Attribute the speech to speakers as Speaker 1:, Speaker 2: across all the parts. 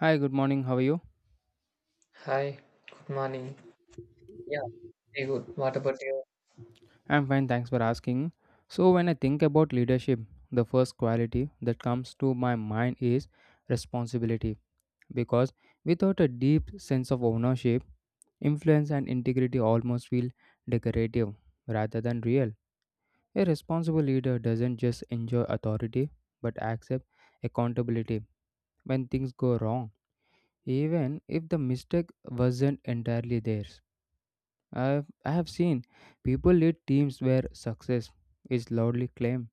Speaker 1: Hi, good morning. How are you?
Speaker 2: Hi, good morning. Yeah, very good. What about you?
Speaker 1: I'm fine, thanks for asking. So, when I think about leadership, the first quality that comes to my mind is responsibility because without a deep sense of ownership, influence and integrity almost feel decorative rather than real. A responsible leader doesn't just enjoy authority but accept accountability when things go wrong, even if the mistake wasn't entirely theirs. I have seen people lead teams where success is loudly claimed,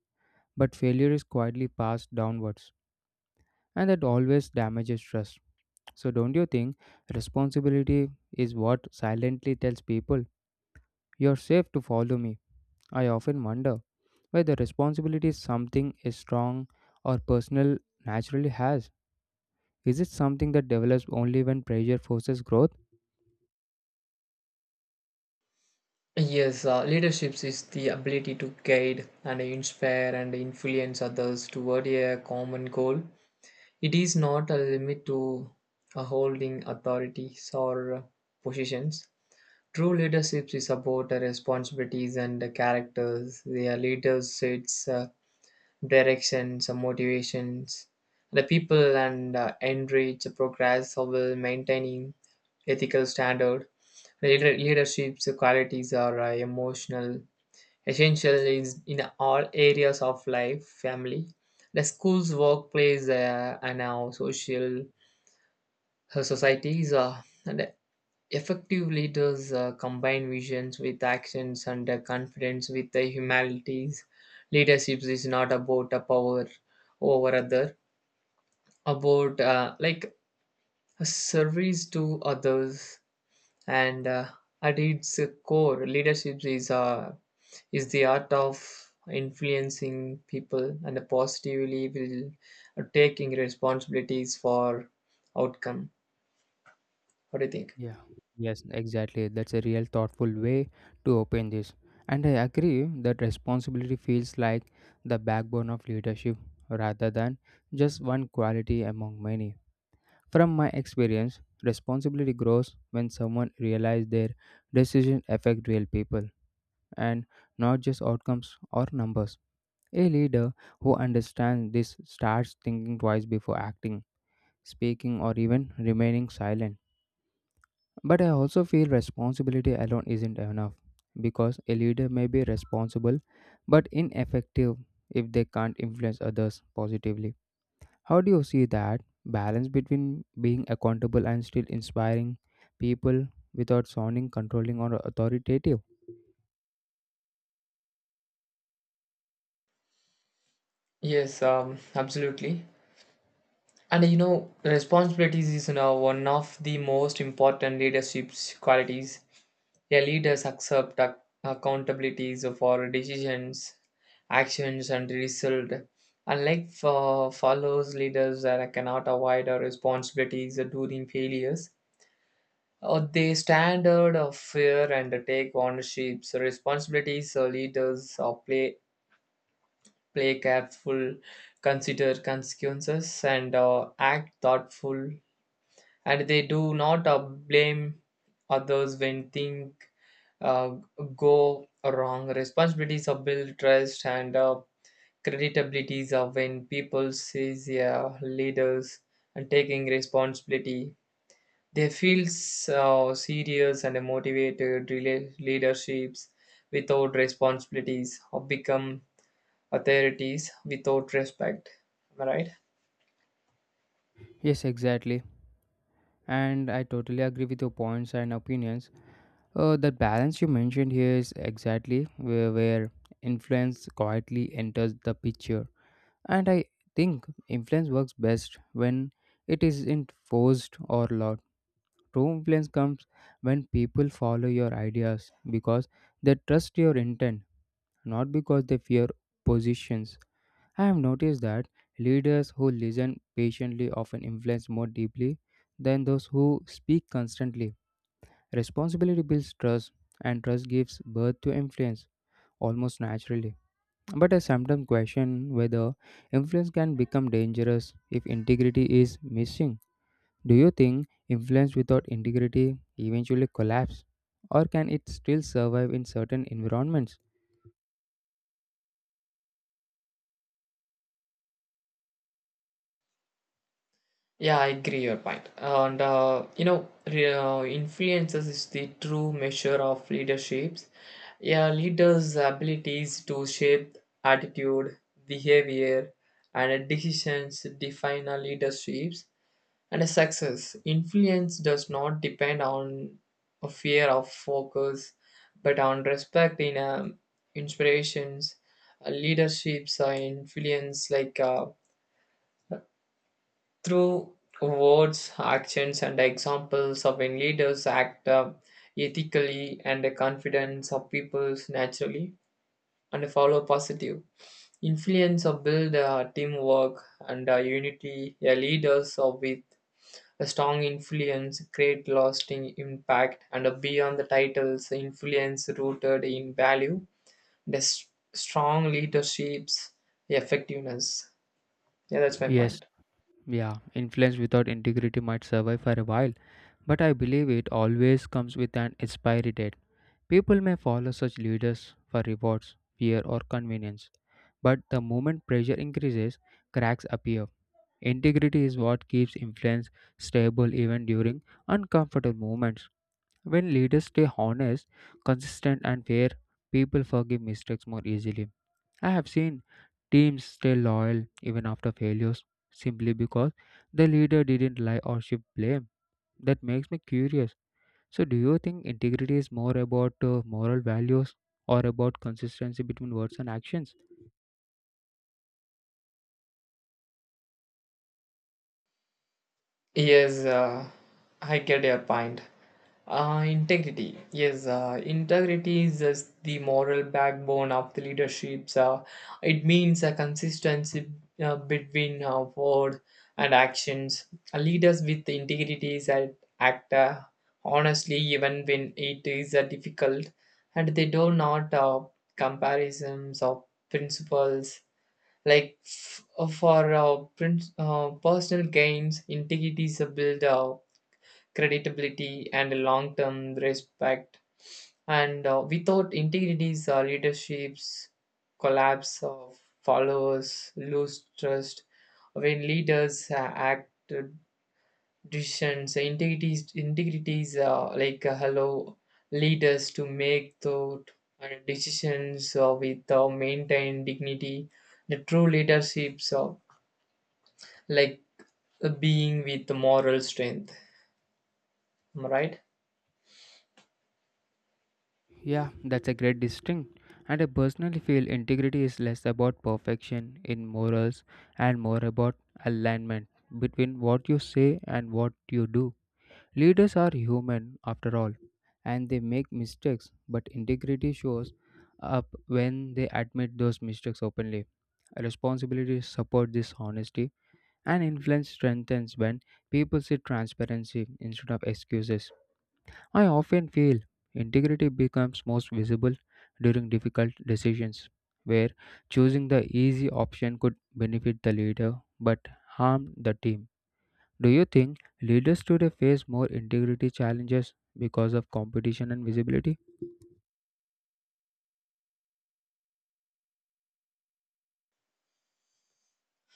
Speaker 1: but failure is quietly passed downwards, and that always damages trust. So, don't you think responsibility is what silently tells people, you're safe to follow me? I often wonder whether responsibility is something a strong or personal naturally has. Is it something that develops only when pressure forces growth?
Speaker 2: Yes, leadership is the ability to guide and inspire and influence others toward a common goal. It is not a limit to holding authorities or positions. True leadership is about responsibilities and characters. The leader sets directions, motivations, the people and enrich progress while maintaining ethical standard. Leadership's qualities are emotional, essential is in all areas of life, family, the schools, workplace, and our social societies. And effective leaders combine visions with actions and confidence with the humanities. Leadership is not about a power over other, about like a service to others and at its core, leadership is a is the art of influencing people and positively will taking responsibilities for outcome. What do you think?
Speaker 1: Yeah, Yes, exactly. That's a real thoughtful way to open this. And I agree that responsibility feels like the backbone of leadership rather than just one quality among many. From my experience, responsibility grows when someone realizes their decisions affect real people and not just outcomes or numbers. A leader who understands this starts thinking twice before acting, speaking, or even remaining silent. But I also feel responsibility alone isn't enough because a leader may be responsible but ineffective if they can't influence others positively. How do you see that balance between being accountable and still inspiring people without sounding controlling or authoritative?
Speaker 2: Yes, absolutely. And you know, responsibilities is, one of the most important leadership qualities. A leaders accept accountabilities for decisions, actions and result, unlike for follows leaders that cannot avoid our responsibilities during failures. They standard of fear and take ownerships, responsibilities. Leaders play careful, consider consequences, and act thoughtful. And they do not blame others when things uh, go wrong. Responsibilities are build trust and creditabilities are when people sees their leaders and taking responsibility, they feel so serious and motivated. Leaderships without responsibilities or become authorities without respect. Am I right?
Speaker 1: Yes, exactly. And I totally agree with your points and opinions. The balance you mentioned here is exactly where influence quietly enters the picture. And I think influence works best when it isn't forced or loud. True influence comes when people follow your ideas because they trust your intent, not because they fear positions. I have noticed that leaders who listen patiently often influence more deeply than those who speak constantly. Responsibility builds trust, and trust gives birth to influence almost naturally. But I sometimes question whether influence can become dangerous if integrity is missing. Do you think influence without integrity eventually collapse? Or can it still survive in certain environments?
Speaker 2: Yeah, I agree your point. And influences is the true measure of leaderships. Yeah, leaders' abilities to shape attitude, behavior, and decisions define a leadership's and a success. Influence does not depend on a fear of focus, but on respect in inspirations, leaderships, influence like through words, actions, and examples of when leaders act ethically and the confidence of people naturally and follow positive. Influence or build teamwork and unity. A leaders or with a strong influence, great lasting impact, and a beyond the titles, influence rooted in value, the s- strong leadership's effectiveness. Yeah, that's my
Speaker 1: Yes,
Speaker 2: point.
Speaker 1: Yeah, influence without integrity might survive for a while, but I believe it always comes with an expiry date. People may follow such leaders for rewards, fear, or convenience, but the moment pressure increases, cracks appear. Integrity is what keeps influence stable even during uncomfortable moments. When leaders stay honest, consistent, and fair, people forgive mistakes more easily. I have seen teams stay loyal even after failures simply because the leader didn't lie or shift blame. That makes me curious. So, do you think integrity is more about moral values or about consistency between words and actions?
Speaker 2: Yes, I get your point. Integrity. Yes, integrity is just the moral backbone of the leaderships. It means a consistency between word and actions. Leaders with integrity is act honestly even when it is difficult, and they do not comparisons of principles like personal gains, integrities are built, creditability, and long term respect. And without integrities, leaderships collapse, followers lose trust. When leaders act decisions integrity is like allow leaders to make thought and decisions with maintained dignity. The true leaderships like being with moral strength. Am I right?
Speaker 1: Yeah, that's a great distinct. And I personally feel integrity is less about perfection in morals and more about alignment between what you say and what you do. Leaders are human after all, and they make mistakes, but integrity shows up when they admit those mistakes openly. Responsibilities support this honesty, and influence strengthens when people see transparency instead of excuses. I often feel integrity becomes most visible during difficult decisions, where choosing the easy option could benefit the leader but harm the team. Do you think leaders today face more integrity challenges because of competition and visibility?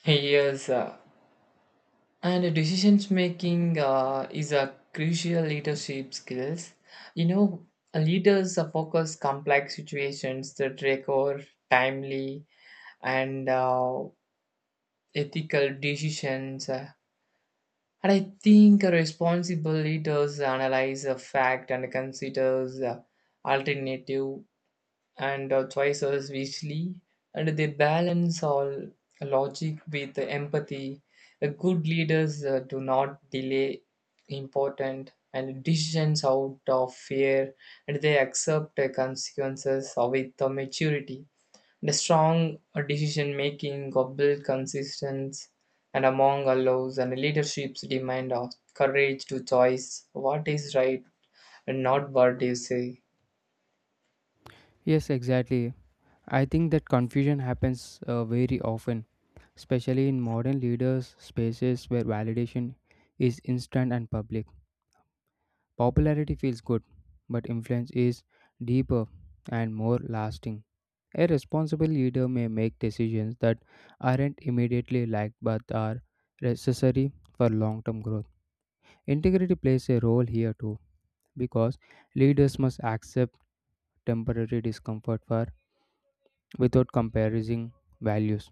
Speaker 2: Yes, and decisions making is a crucial leadership skills. You know, leaders focus complex situations that require timely and ethical decisions. And I think responsible leaders analyze a fact and considers alternative and choices wisely, and they balance all logic with empathy. Good leaders do not delay important and decisions out of fear, and they accept the consequences with the maturity. The strong decision making of Bill consists and among allows and leadership's demand of courage to choice what is right and not what you say.
Speaker 1: Yes, exactly. I think that confusion happens very often, especially in modern leaders' spaces where validation is instant and public. Popularity feels good, but influence is deeper and more lasting. A responsible leader may make decisions that aren't immediately liked but are necessary for long term growth. Integrity plays a role here too because leaders must accept temporary discomfort for without comparison values.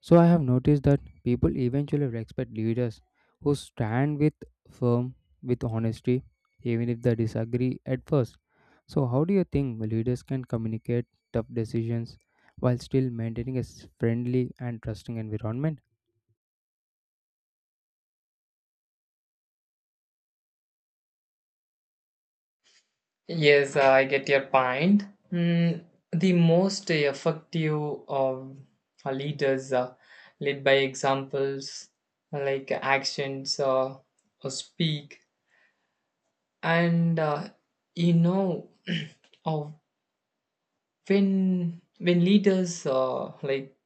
Speaker 1: So I have noticed that people eventually respect leaders who stand with firm with honesty even if they disagree at first. So how do you think leaders can communicate tough decisions while still maintaining a friendly and trusting environment?
Speaker 2: Yes, I get your point. Mm, the most effective of leaders lead by examples like actions or speak. And you know, of when leaders like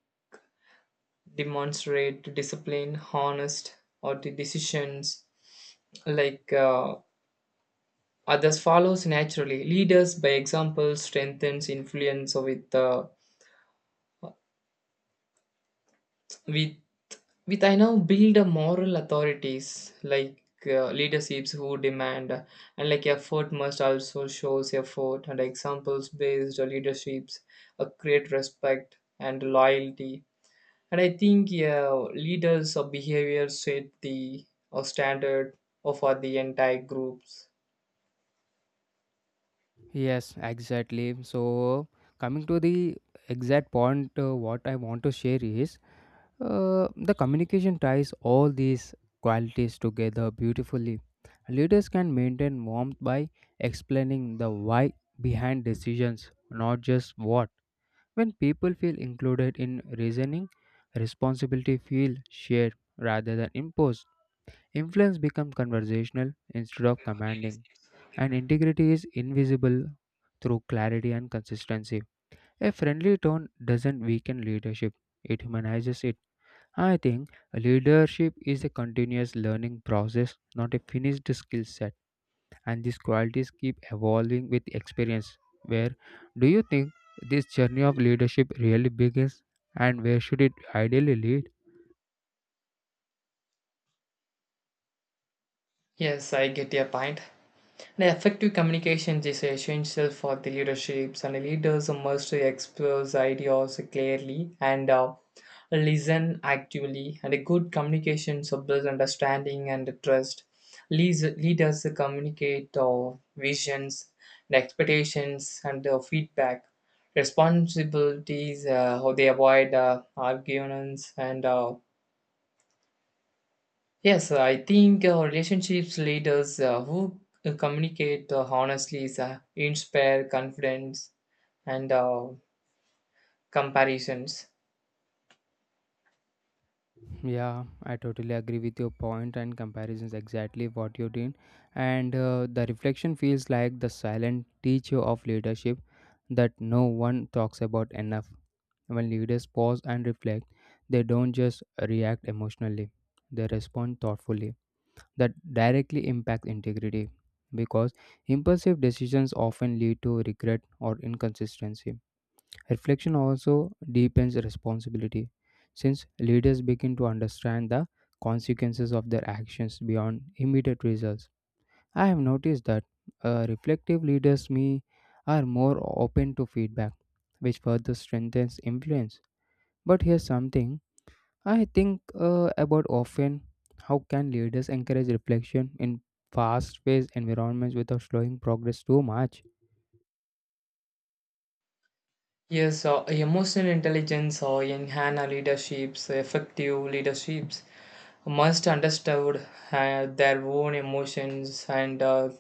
Speaker 2: demonstrate discipline, honest, or the decisions like others follows naturally. Leaders by example strengthens influence with with I now build a moral authorities like leaderships who demand and like effort must also shows effort and examples based leaderships create respect and loyalty. And I think, yeah, leaders of behavior set the standard for the entire groups.
Speaker 1: Yes, exactly. So coming to the exact point what I want to share is the communication ties all these qualities together beautifully. Leaders can maintain warmth by explaining the why behind decisions, not just what. When people feel included in reasoning, responsibility feels shared rather than imposed. Influence becomes conversational instead of commanding, and integrity is invisible through clarity and consistency. A friendly tone doesn't weaken leadership; it humanizes it. I think leadership is a continuous learning process, not a finished skill set, and these qualities keep evolving with experience. Where do you think this journey of leadership really begins, and where should it ideally lead?
Speaker 2: Yes, I get your point. The effective communication is essential for the leaderships, and leaders must express ideas clearly and listen actively. And a good communication builds understanding and trust. Leaders communicate visions, and expectations, and feedback. Responsibilities, how they avoid arguments and yes, I think relationships leaders who communicate honestly is, inspire confidence and comparisons.
Speaker 1: Yeah, I totally agree with your point and comparisons exactly what you did. And the reflection feels like the silent teacher of leadership that no one talks about enough. When leaders pause and reflect, they don't just react emotionally, they respond thoughtfully. That directly impacts integrity because impulsive decisions often lead to regret or inconsistency. Reflection also deepens responsibility since leaders begin to understand the consequences of their actions beyond immediate results. I have noticed that reflective leaders me are more open to feedback, which further strengthens influence. But here's something I think about often. How can leaders encourage reflection in fast paced environments without slowing progress too much?
Speaker 2: Yes, emotional intelligence or enhance leaderships, effective leaderships must understand their own emotions and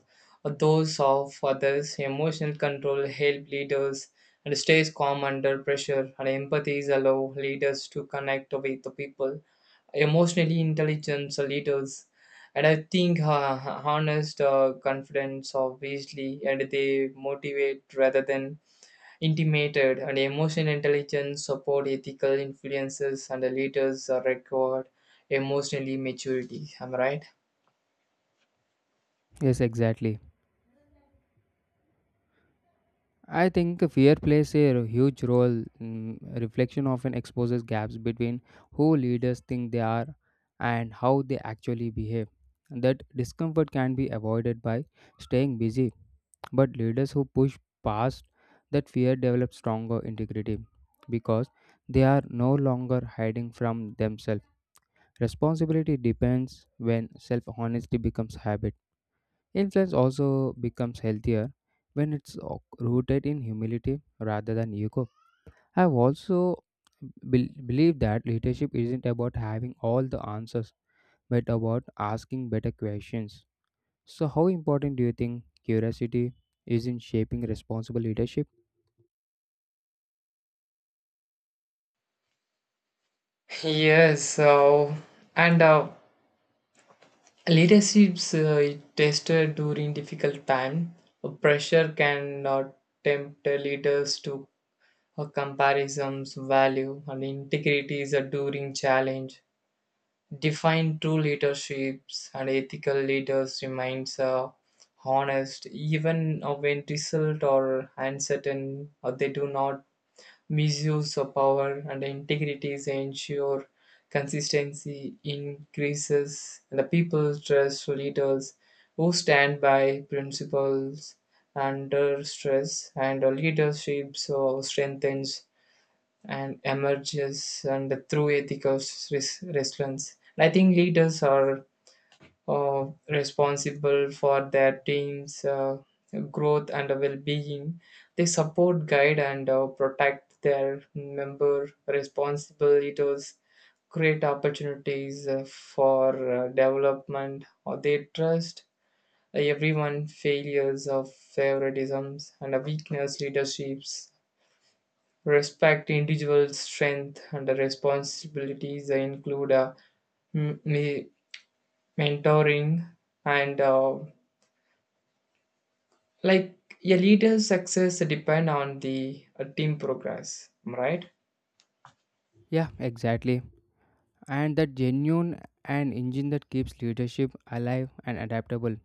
Speaker 2: those of others. Emotional control help leaders and stays calm under pressure and empathy allow leaders to connect with the people emotionally intelligent leaders. And I think harness the confidence of Weasley and they motivate rather than intimidated. And emotional intelligence support ethical influences and the leaders are record emotionally maturity. Am I right?
Speaker 1: Yes, exactly. I think fear plays a huge role. Reflection often exposes gaps between who leaders think they are and how they actually behave. That discomfort can be avoided by staying busy. But leaders who push past that fear develop stronger integrity because they are no longer hiding from themselves. Responsibility depends when self honesty becomes habit. Influence also becomes healthier when rooted in humility rather than ego. I've also believe that leadership isn't about having all the answers but about asking better questions. So, how important do you think curiosity is in shaping responsible leadership?
Speaker 2: Yes, so, and leadership's tested during difficult time. Pressure can tempt the leaders to a comparison's value and integrity is a during challenge. Define true leaderships and ethical leaders remains honest even when result are uncertain or they do not misuse of power and integrity is ensure consistency increases and the people trust leaders who stand by principles under stress and leadership so strengthens and emerges and through ethical resilience. I think leaders are responsible for their team's growth and well-being. They support, guide, and protect their member. Responsible leaders create opportunities for development, or they trust everyone failures of favoritisms and a weakness leaderships. Respect individual strength and responsibilities. They include m- me- mentoring and like a leader's success depend on the team progress, right?
Speaker 1: Yeah, exactly. And that genuine an engine that keeps leadership alive and adaptable.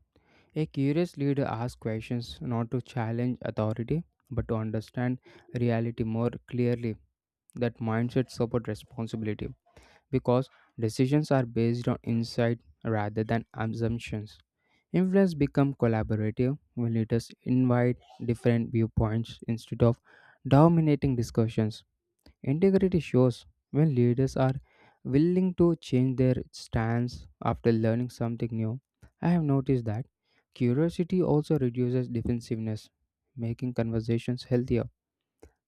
Speaker 1: A curious leader asks questions not to challenge authority but to understand reality more clearly. That mindset supports responsibility because decisions are based on insight rather than assumptions. Influence becomes collaborative when leaders invite different viewpoints instead of dominating discussions. Integrity shows when leaders are willing to change their stance after learning something new. I have noticed that curiosity also reduces defensiveness, making conversations healthier.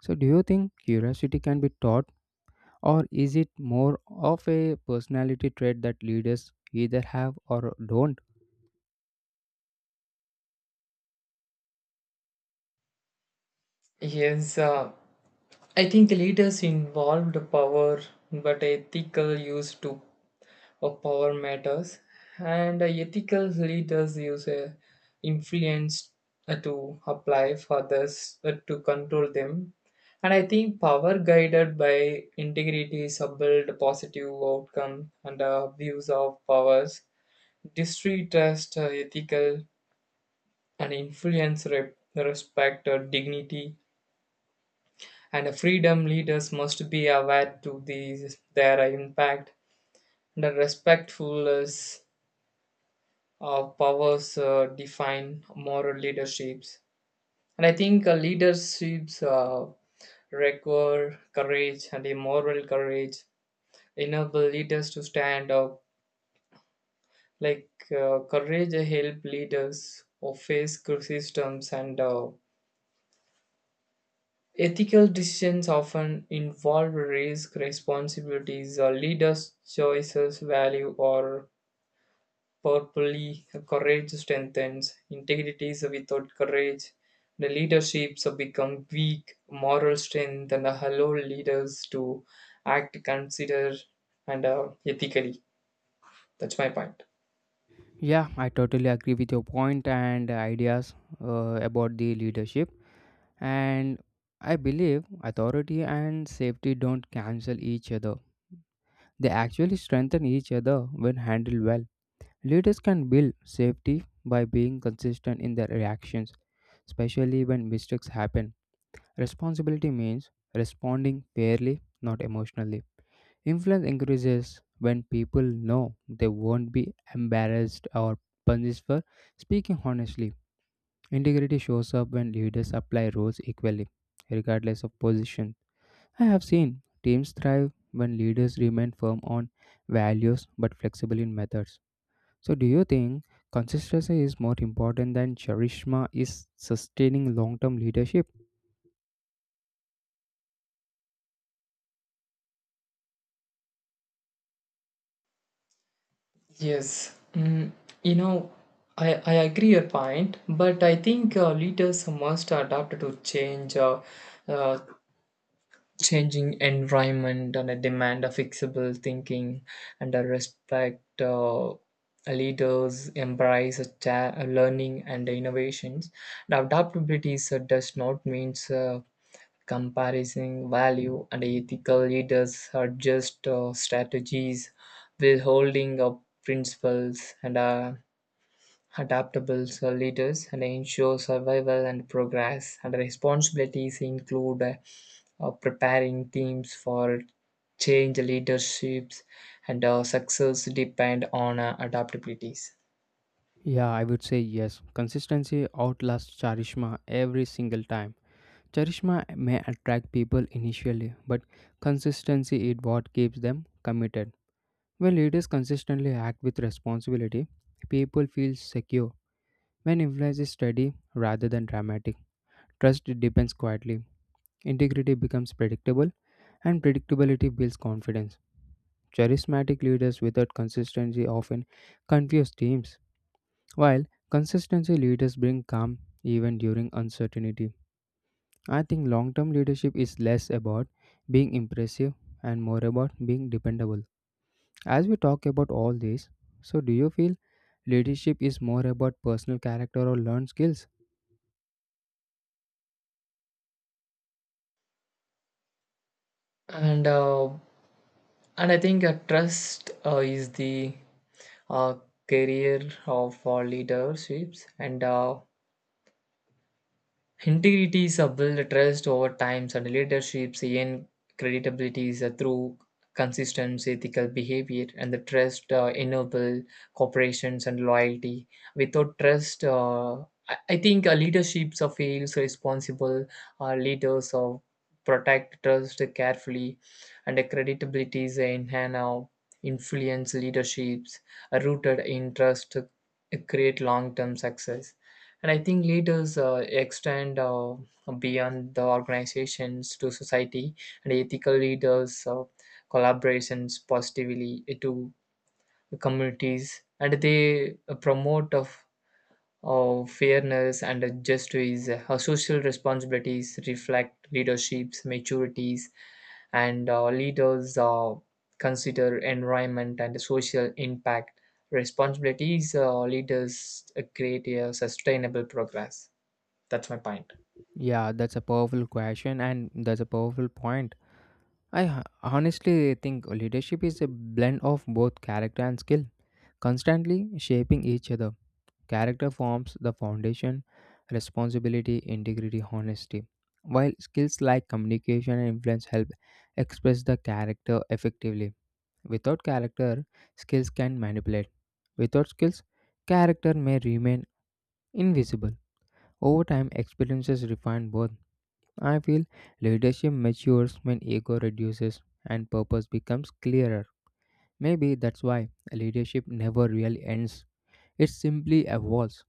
Speaker 1: So, do you think curiosity can be taught, or is it more of a personality trait that leaders either have or don't?
Speaker 2: Yes, I think the leaders involved power but ethical use to of power matters, and ethical leaders use influence to apply for others to control them. And I think power guided by integrity is a build positive outcome and views of powers. District ethical and influence respect, dignity, and freedom leaders must be aware to these, their impact and respectfulness powers define moral leaderships. And I think leaderships require courage and a moral courage, enable leaders to stand up. Like courage help leaders or face systems and ethical decisions often involve risk, responsibilities, leaders' choices, value, or Purpley, courage strengthens, integrity is without courage. The leaderships become weak, moral strength and allow leaders to act, consider, and ethically. That's my point.
Speaker 1: Yeah, I totally agree with your point and ideas about the leadership. And I believe authority and safety don't cancel each other. They actually strengthen each other when handled well. Leaders can build safety by being consistent in their reactions, especially when mistakes happen. Responsibility means responding fairly, not emotionally. Influence increases when people know they won't be embarrassed or punished for speaking honestly. Integrity shows up when leaders apply rules equally, regardless of position. I have seen teams thrive when leaders remain firm on values but flexible in methods. So, do you think consistency is more important than charisma is sustaining long term leadership?
Speaker 2: Yes, mm, you know, I agree your point, but I think leaders must adapt to change. Uh, Changing environment and a demand of flexible thinking and a respect leaders embrace a learning and innovations. Now adaptability so does not means comparison value and ethical leaders are just strategies withholding of principles and adaptable leaders and ensure survival and progress, and responsibilities include preparing teams for change leaderships and success depend on adaptabilities
Speaker 1: Yeah, I would say yes. Consistency outlasts charisma every single time. Charisma may attract people initially, but consistency is what keeps them committed. When leaders consistently act with responsibility, people feel secure. When influence is steady rather than dramatic, trust depends quietly. Integrity becomes predictable, and predictability builds confidence. Charismatic leaders without consistency often confuse teams, while consistency leaders bring calm even during uncertainty. I think long term leadership is less about being impressive and more about being dependable. As we talk about all this, so do you feel leadership is more about personal character or learned skills?
Speaker 2: and uh, and I think trust is the uh, career of leaderships and integrity is a built trust over time, and leaderships and credibility is a through consistent ethical behavior, and the trust enable corporations and loyalty. Without trust, I think leaderships of fails responsible leaders of protect trust carefully, and the credibility is enhance influence leaderships rooted in trust create long term success. And I think leaders extend beyond the organizations to society, and ethical leaders collaborations positively to communities, and they promote of fairness and justice. Social responsibilities reflect leadership's maturities, and leaders consider environment and social impact responsibilities. Leaders create a sustainable progress. That's my point.
Speaker 1: Yeah, that's a powerful question and that's a powerful point. Honestly think leadership is a blend of both character and skill, constantly shaping each other. Character forms the foundation, responsibility, integrity, honesty. While skills like communication and influence help express the character effectively. Without character, skills can manipulate. Without skills, character may remain invisible. Over time, experiences refine both. I feel leadership matures when ego reduces and purpose becomes clearer. Maybe that's why leadership never really ends, it simply evolves.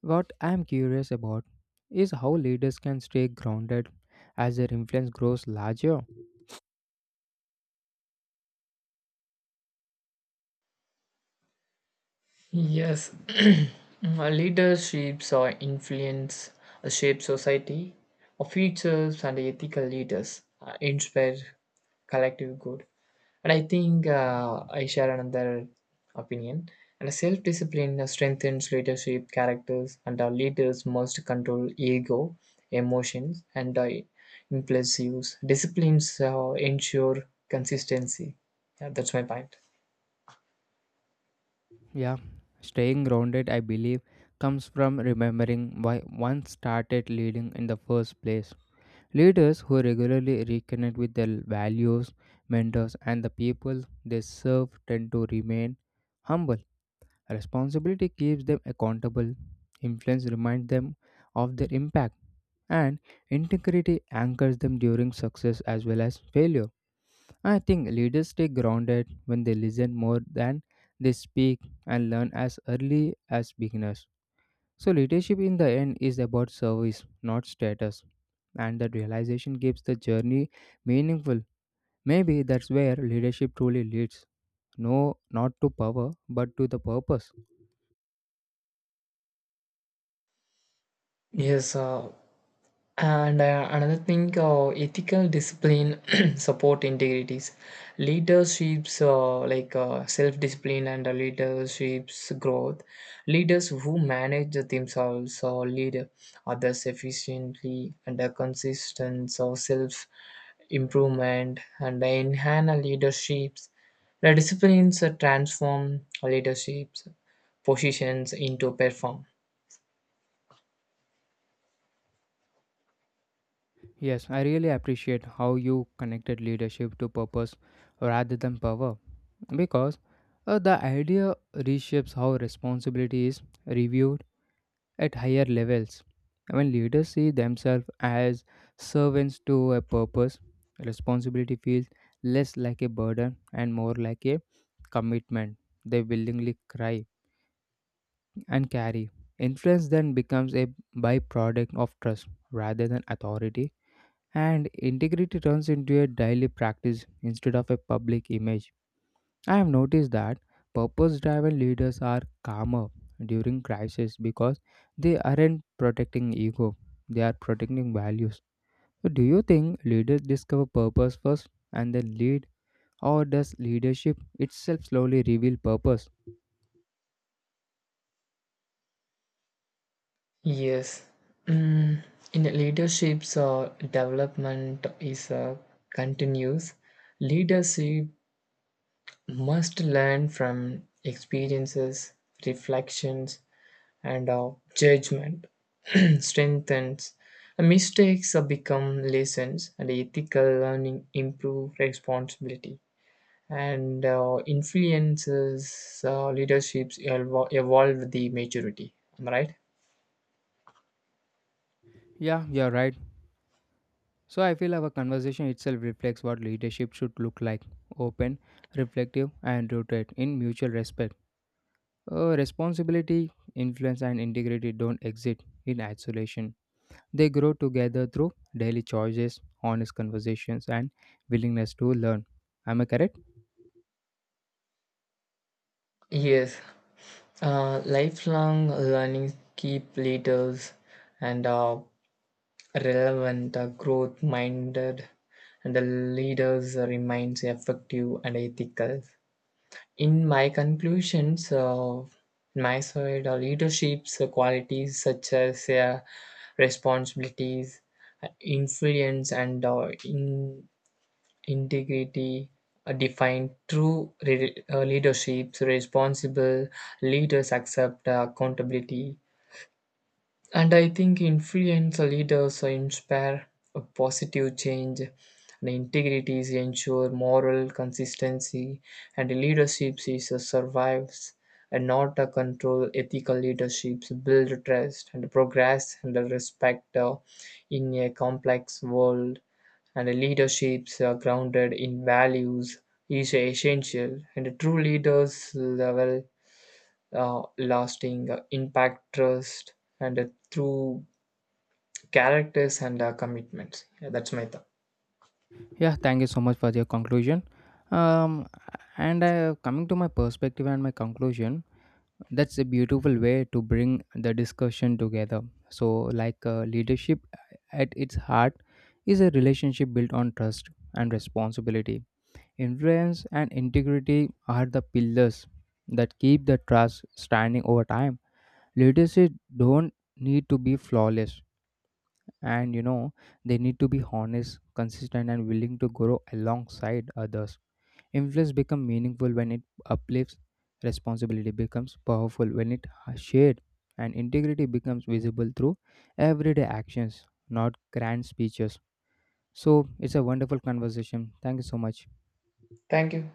Speaker 1: What I'm curious about is how leaders can stay grounded as their influence grows larger.
Speaker 2: Yes, leaderships or influence shape society. Our futures and ethical leaders inspire collective good. And I think, I share another opinion. And self discipline strengthens leadership characters, and our leaders must control ego, emotions, and impulsives. Disciplines ensure consistency. Yeah, that's my point.
Speaker 1: Yeah, staying grounded, I believe, comes from remembering why one started leading in the first place. Leaders who regularly reconnect with their values, mentors, and the people they serve tend to remain humble. Responsibility keeps them accountable, influence reminds them of their impact and integrity anchors them during success as well as failure. I think leaders stay grounded when they listen more than they speak and learn as early as beginners. So, leadership in the end is about service, not status, and that realization keeps the journey meaningful. Maybe that's where leadership truly leads. No, not to power, but to the purpose.
Speaker 2: Yes, and another thing, ethical discipline support integrities. Leaderships like self discipline and leaderships growth. Leaders who manage themselves or lead others efficiently and are consistent or self improvement and enhance leaderships. The disciplines transform leaderships positions into perform.
Speaker 1: Yes, I really appreciate how you connected leadership to purpose rather than power. Because the idea reshapes how responsibility is reviewed at higher levels. When leaders see themselves as servants to a purpose, responsibility feels less like a burden and more like a commitment they willingly cry and carry. Influence then becomes a byproduct of trust rather than authority, and integrity turns into a daily practice instead of a public image. I have noticed that purpose driven leaders are calmer during crisis because they aren't protecting ego, they are protecting values. So, do you think leaders discover purpose first and then lead, or does leadership itself slowly reveal purpose?
Speaker 2: Yes. Mm, in leadership's development is continuous. Leadership must learn from experiences, reflections, and judgment. Strengthens mistakes become lessons, and ethical learning improve responsibility. And influences leaderships evolve the maturity. Am I right?
Speaker 1: Yeah, you're right. So, I feel our conversation itself reflects what leadership should look like open, reflective, and rooted in mutual respect. Responsibility, influence, and integrity don't exist in isolation. They grow together through daily choices, honest conversations, and willingness to learn. Am I correct?
Speaker 2: Yes, lifelong learning keep leaders and relevant, growth-minded, and the leaders remains effective and ethical. In my conclusions, my side, leadership's qualities such as responsibilities, influence, and in integrity define true leadership. Responsible leaders accept accountability and I think influential leaders inspire a positive change, and integrities ensure moral consistency, and leadership is a survives and not a control. Ethical leaderships build trust and progress and the respect in a complex world. And leaderships are grounded in values is essential. And true leaders level lasting impact, trust, and through characters and commitments. Yeah, that's my thought.
Speaker 1: Yeah, thank you so much for your conclusion. Um, and Coming to my perspective and my conclusion, that's a beautiful way to bring the discussion together. So, leadership at its heart is a relationship built on trust and responsibility. Influence and integrity are the pillars that keep the trust standing over time. Leadership don't need to be flawless, and they need to be honest, consistent, and willing to grow alongside others. Influence becomes meaningful when it uplifts, responsibility becomes powerful when it shared, and integrity becomes visible through everyday actions, not grand speeches. So, it's a wonderful conversation. Thank you so much.
Speaker 2: Thank you.